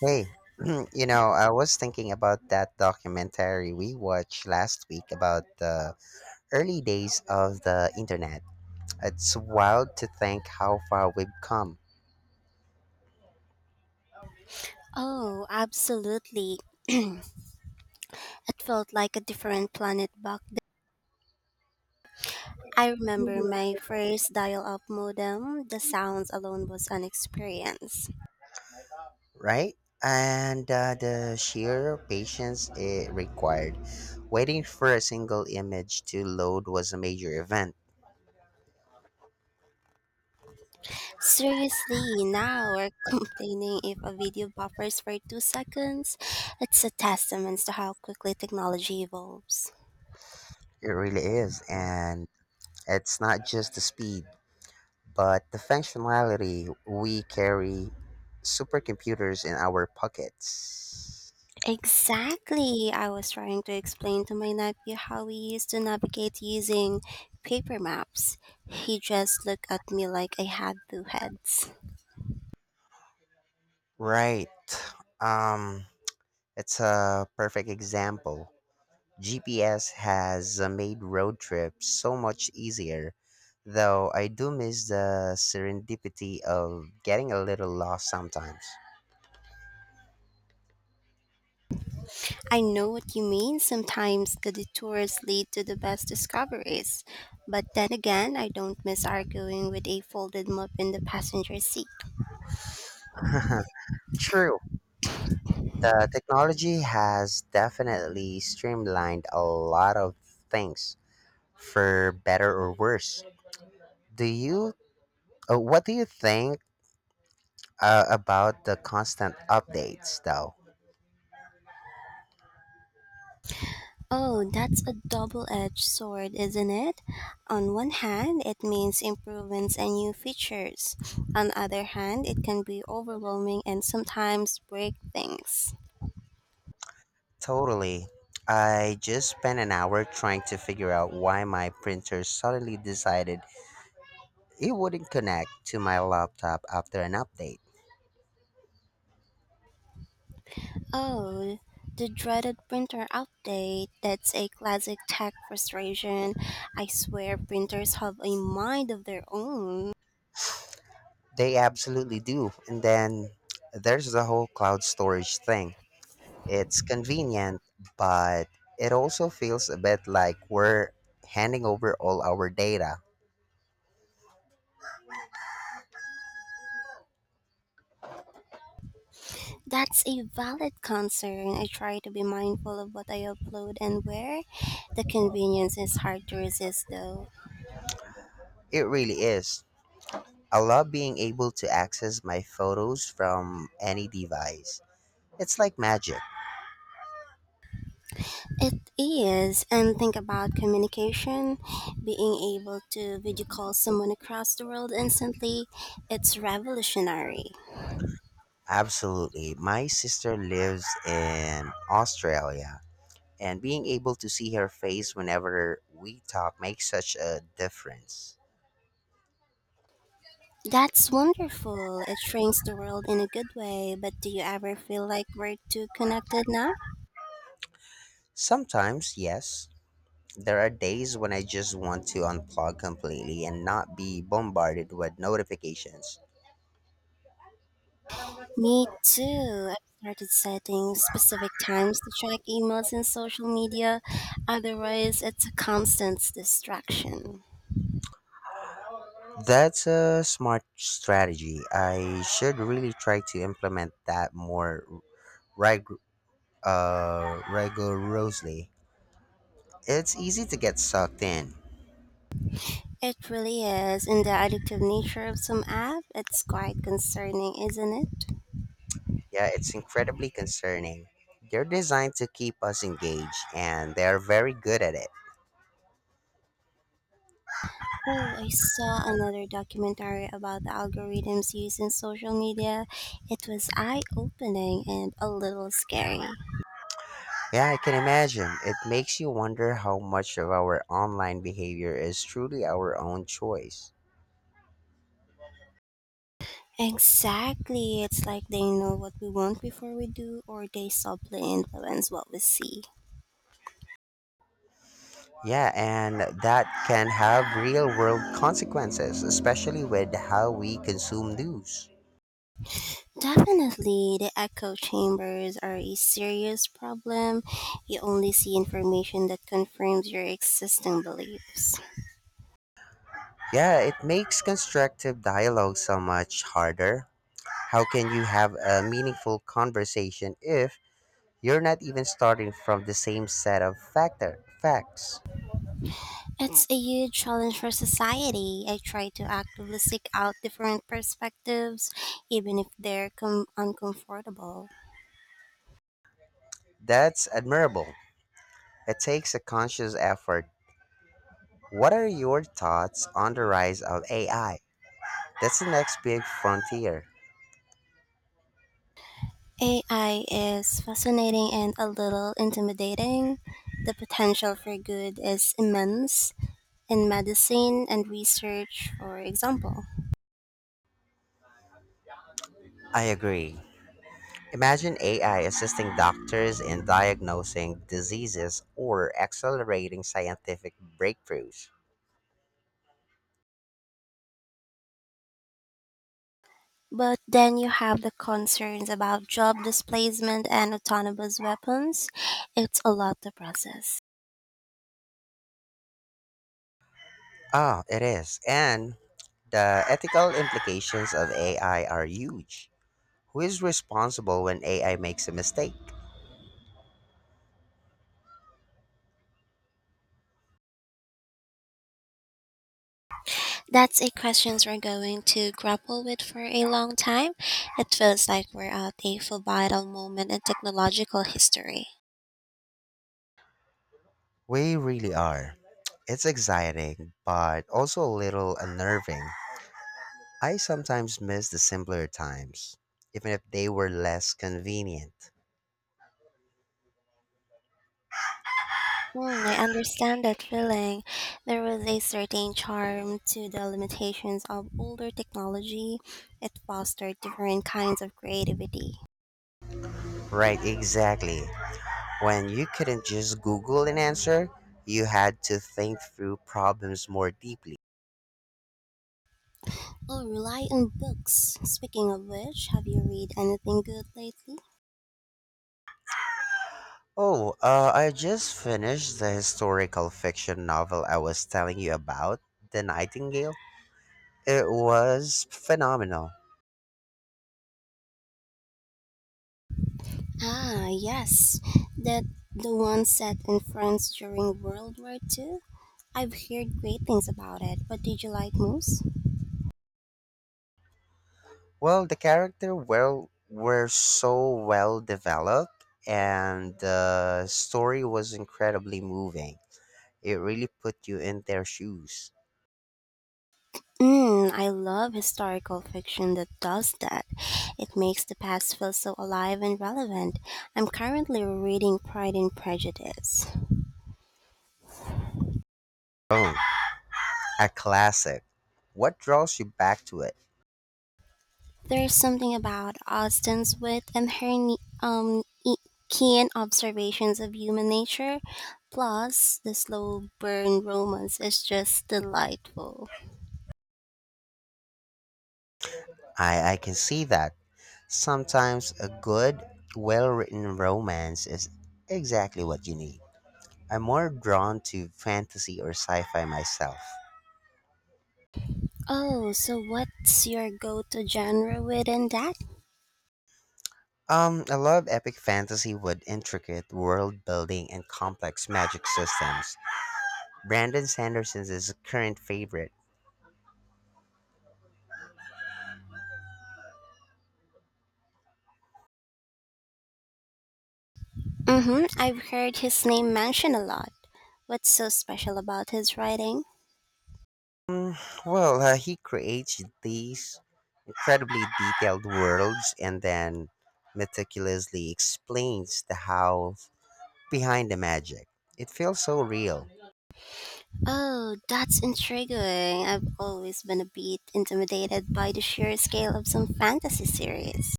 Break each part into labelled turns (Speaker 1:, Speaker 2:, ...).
Speaker 1: Hey, you know, I was thinking about that documentary we watched last week about the early days of the internet. It's wild to think how far we've come,
Speaker 2: Oh, absolutely. It felt like a different planet back then. I remember my first dial up modem. The sounds alone was an experience.
Speaker 1: right? And the sheer patience it required. Waiting for a single image to load was a major event.
Speaker 2: Seriously, now we're complaining if a video buffers for 2 seconds. It's a testament to how quickly technology evolves.
Speaker 1: It really is. And it's not just the speed, but the functionality we carry supercomputers in our pockets.
Speaker 2: Exactly. I was trying to explain to my nephew how we used to navigate using paper maps. He just looked at me like I had two heads.
Speaker 1: Right. Um, it's a perfect example. GPS has made road trips so much easier, though I do miss the serendipity of getting a little lost sometimes.
Speaker 2: I know what you mean. Sometimes the detours lead to the best discoveries. But then again, I don't miss arguing with a folded map in the passenger seat.
Speaker 1: True. The technology has definitely streamlined a lot of things for better or worse. Do you What do you think about the constant updates though?
Speaker 2: Oh, that's a double edged sword, isn't it? On one hand, it means improvements and new features. On the other hand, it can be overwhelming and sometimes break things.
Speaker 1: Totally. I just spent an hour trying to figure out why my printer suddenly decided it wouldn't connect to my laptop after an update.
Speaker 2: Oh, the dreaded printer update. That's a classic tech frustration. I swear printers have a mind of their own.
Speaker 1: They absolutely do. And then there's the whole cloud storage thing. It's convenient, but it also feels a bit like we're handing over all our data.
Speaker 2: That's a valid concern. I try to be mindful of what I upload and where. The convenience is hard to resist, though.
Speaker 1: It really is. I love being able to access my photos from any device. It's like magic.
Speaker 2: It is, and think about communication, being able to video call someone across the world instantly. It's revolutionary.
Speaker 1: Absolutely. My sister lives in Australia, and being able to see her face whenever we talk makes such a difference.
Speaker 2: That's wonderful. It shrinks the world in a good way, but do you ever feel like we're too connected now?
Speaker 1: Sometimes, yes, there are days when I just want to unplug completely and not be bombarded with notifications.
Speaker 2: Me too. I've started setting specific times to check emails and social media, otherwise, it's a constant distraction.
Speaker 1: That's a smart strategy. I should really try to implement that more rig- rigorously. It's easy to get sucked in.
Speaker 2: It really is, and the addictive nature of some app, it's quite concerning, isn't it?
Speaker 1: Yeah, it's incredibly concerning. They're designed to keep us engaged, and they're very good at it.
Speaker 2: Oh, I saw another documentary about the algorithms used in social media. It was eye-opening and a little scary.
Speaker 1: Yeah, I can imagine. It makes you wonder how much of our online behavior is truly our own choice.
Speaker 2: Exactly, it's like they know what we want before we do, or they subtly influence what we see.
Speaker 1: Yeah, and that can have real world consequences, especially with how we consume news.
Speaker 2: Definitely, the echo chambers are a serious problem. You only see information that confirms your existing beliefs.
Speaker 1: Yeah, it makes constructive dialogue so much harder. How can you have a meaningful conversation if you're not even starting from the same set of facts.
Speaker 2: It's a huge challenge for society. I try to actively seek out different perspectives, even if uncomfortable.
Speaker 1: That's admirable. It takes a conscious effort. What are your thoughts on the rise of AI? That's the next big frontier.
Speaker 2: AI is fascinating and a little intimidating. The potential for good is immense in medicine and research, for example.
Speaker 1: I agree. Imagine AI assisting doctors in diagnosing diseases or accelerating scientific breakthroughs.
Speaker 2: But then you have the concerns about job displacement and autonomous weapons. It's a lot to process.
Speaker 1: Ah, it is. And the ethical implications of AI are huge. Who is responsible when AI makes a mistake?
Speaker 2: That's a question we're going to grapple with for a long time. It feels like we're at a pivotal moment in technological history.
Speaker 1: We really are. It's exciting, but also a little unnerving. I sometimes miss the simpler times, even if they were less convenient.
Speaker 2: Hmm, I understand that feeling. There was a certain charm to the limitations of older technology. It fostered different kinds of creativity.
Speaker 1: Right, exactly. When you couldn't just Google an answer, you had to think through problems more deeply.
Speaker 2: Oh, rely on books. Speaking of which, have you read anything good lately?
Speaker 1: Oh, I just finished the historical fiction novel I was telling you about, The Nightingale. It was phenomenal.
Speaker 2: Ah, yes. That the one set in France during World War Two. I've heard great things about it. What did you like most?
Speaker 1: Well, the character well were so well developed, and the story was incredibly moving. It really put you in their shoes.
Speaker 2: Mm, I love historical fiction that does that. It makes the past feel so alive and relevant. I'm currently reading Pride and Prejudice.
Speaker 1: Oh, a classic. What draws you back to it?
Speaker 2: There's something about Austen's wit and um, e- keen observations of human nature. Plus, the slow burn romance is just delightful.
Speaker 1: I can see that. Sometimes a good, well-written romance is exactly what you need. I'm more drawn to fantasy or sci-fi myself.
Speaker 2: Oh, so what's your go to genre within that?
Speaker 1: I love epic fantasy with intricate world building and complex magic systems. Brandon Sanderson's is a current favorite.
Speaker 2: Mm-hmm. I've heard his name mentioned a lot. What's so special about his writing?
Speaker 1: Mm, well, he creates these incredibly detailed worlds and then meticulously explains the how behind the magic. It feels so real.
Speaker 2: Oh, that's intriguing. I've always been a bit intimidated by the sheer scale of some fantasy series.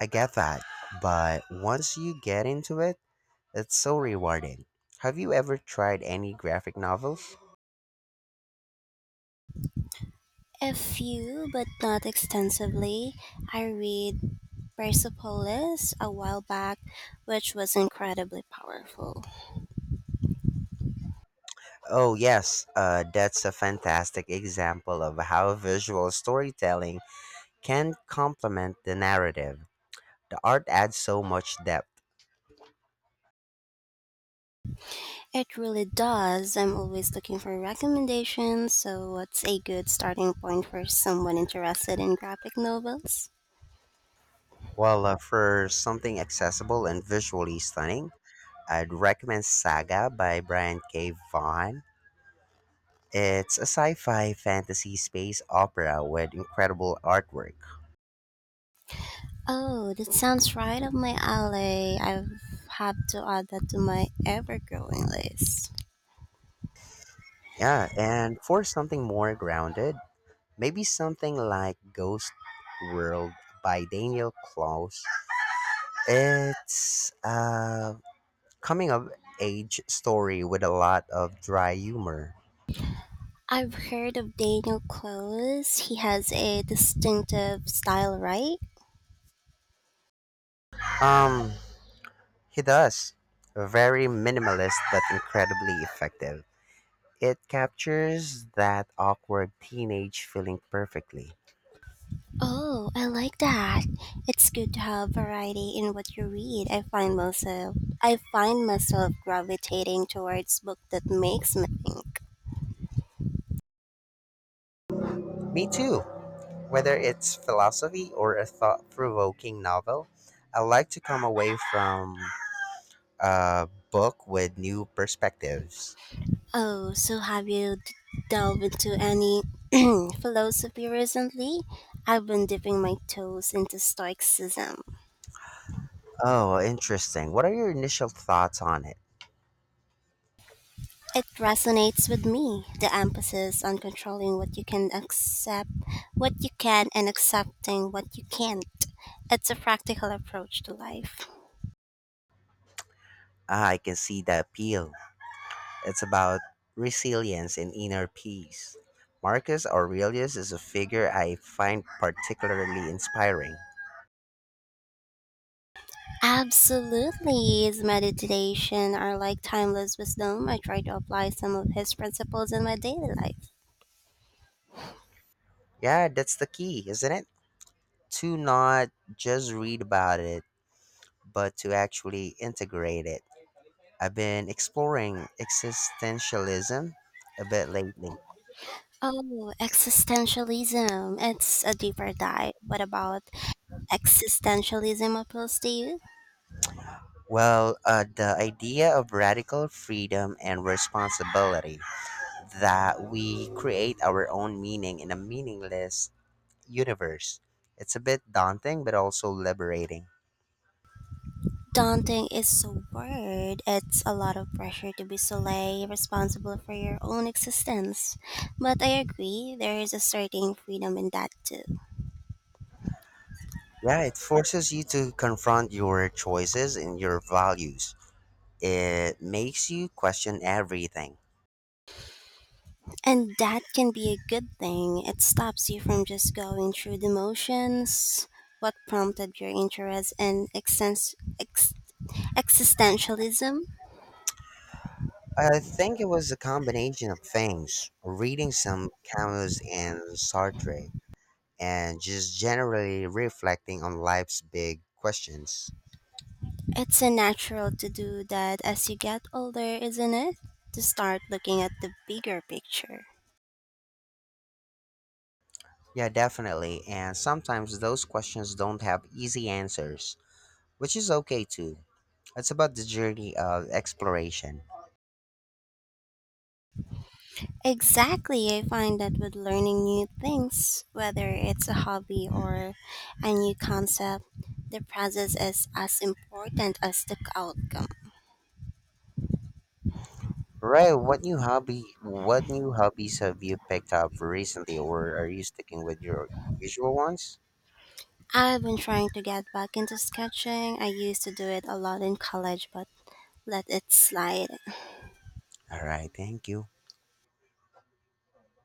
Speaker 1: I get that, but once you get into it, it's so rewarding. Have you ever tried any graphic novels?
Speaker 2: A few, but not extensively. I read Persepolis a while back, which was incredibly powerful.
Speaker 1: Oh, yes, that's a fantastic example of how visual storytelling can complement the narrative. The art adds so much depth.
Speaker 2: It really does. I'm always looking for recommendations, so what's a good starting point for someone interested in graphic novels?
Speaker 1: Well, for something accessible and visually stunning, I'd recommend Saga by Brian K. Vaughan. It's a sci fi fantasy space opera with incredible artwork.
Speaker 2: Oh, that sounds right up my alley. I have to add that to my ever growing list.
Speaker 1: Yeah, and for something more grounded, maybe something like Ghost World by Daniel Klaus. It's a coming of age story with a lot of dry humor.
Speaker 2: I've heard of Daniel Close. He has a distinctive style, right?
Speaker 1: Um, He does. Very minimalist but incredibly effective. It captures that awkward teenage feeling perfectly.
Speaker 2: Oh, I like that. It's good to have variety in what you read. I find myself gravitating towards book that makes me think.
Speaker 1: Me too. Whether it's philosophy or a thought provoking novel, I like to come away from a book with new perspectives.
Speaker 2: Oh, so delved into any philosophy recently? I've been dipping my toes into Stoicism.
Speaker 1: Oh, interesting. What are your initial thoughts on it?
Speaker 2: It resonates with me, the emphasis on controlling what you can accept, what you can, and accepting what you can't. It's a practical approach to life.
Speaker 1: Ah, I can see the appeal. It's about resilience and inner peace. Marcus Aurelius is a figure I find particularly inspiring.
Speaker 2: Absolutely, his meditation are like timeless wisdom. I try to apply some of his principles in my daily life.
Speaker 1: Yeah, that's the key, isn't it? To not just read about it, but to actually integrate it. I've been exploring existentialism a bit lately.
Speaker 2: Oh, existentialism. It's a deeper dive. What about existentialism appeals to you?
Speaker 1: Well, the idea of radical freedom and responsibility that we create our own meaning in a meaningless universe. It's a bit daunting, but also liberating.
Speaker 2: Daunting is a word. It's a lot of pressure to be solely responsible for your own existence. But I agree, there is a certain freedom in that too.
Speaker 1: Yeah, it forces you to confront your choices and your values. It makes you question everything.
Speaker 2: And that can be a good thing. It stops you from just going through the motions. What prompted your interest in ex- existentialism?
Speaker 1: I think it was a combination of things reading some Camus and Sartre, and just generally reflecting on life's big questions.
Speaker 2: It's a natural to do that as you get older, isn't it? To start looking at the bigger picture.
Speaker 1: Yeah, definitely. And sometimes those questions don't have easy answers, which is okay too. It's about the journey of exploration.
Speaker 2: Exactly, I find that with learning new things, whether it's a hobby or a new concept, the process is as important as the outcome.
Speaker 1: Right. What new hobby? What new hobbies have you picked up recently, or are you sticking with your usual ones?
Speaker 2: I've been trying to get back into sketching. I used to do it a lot in college, but let it slide.
Speaker 1: All right. Thank you.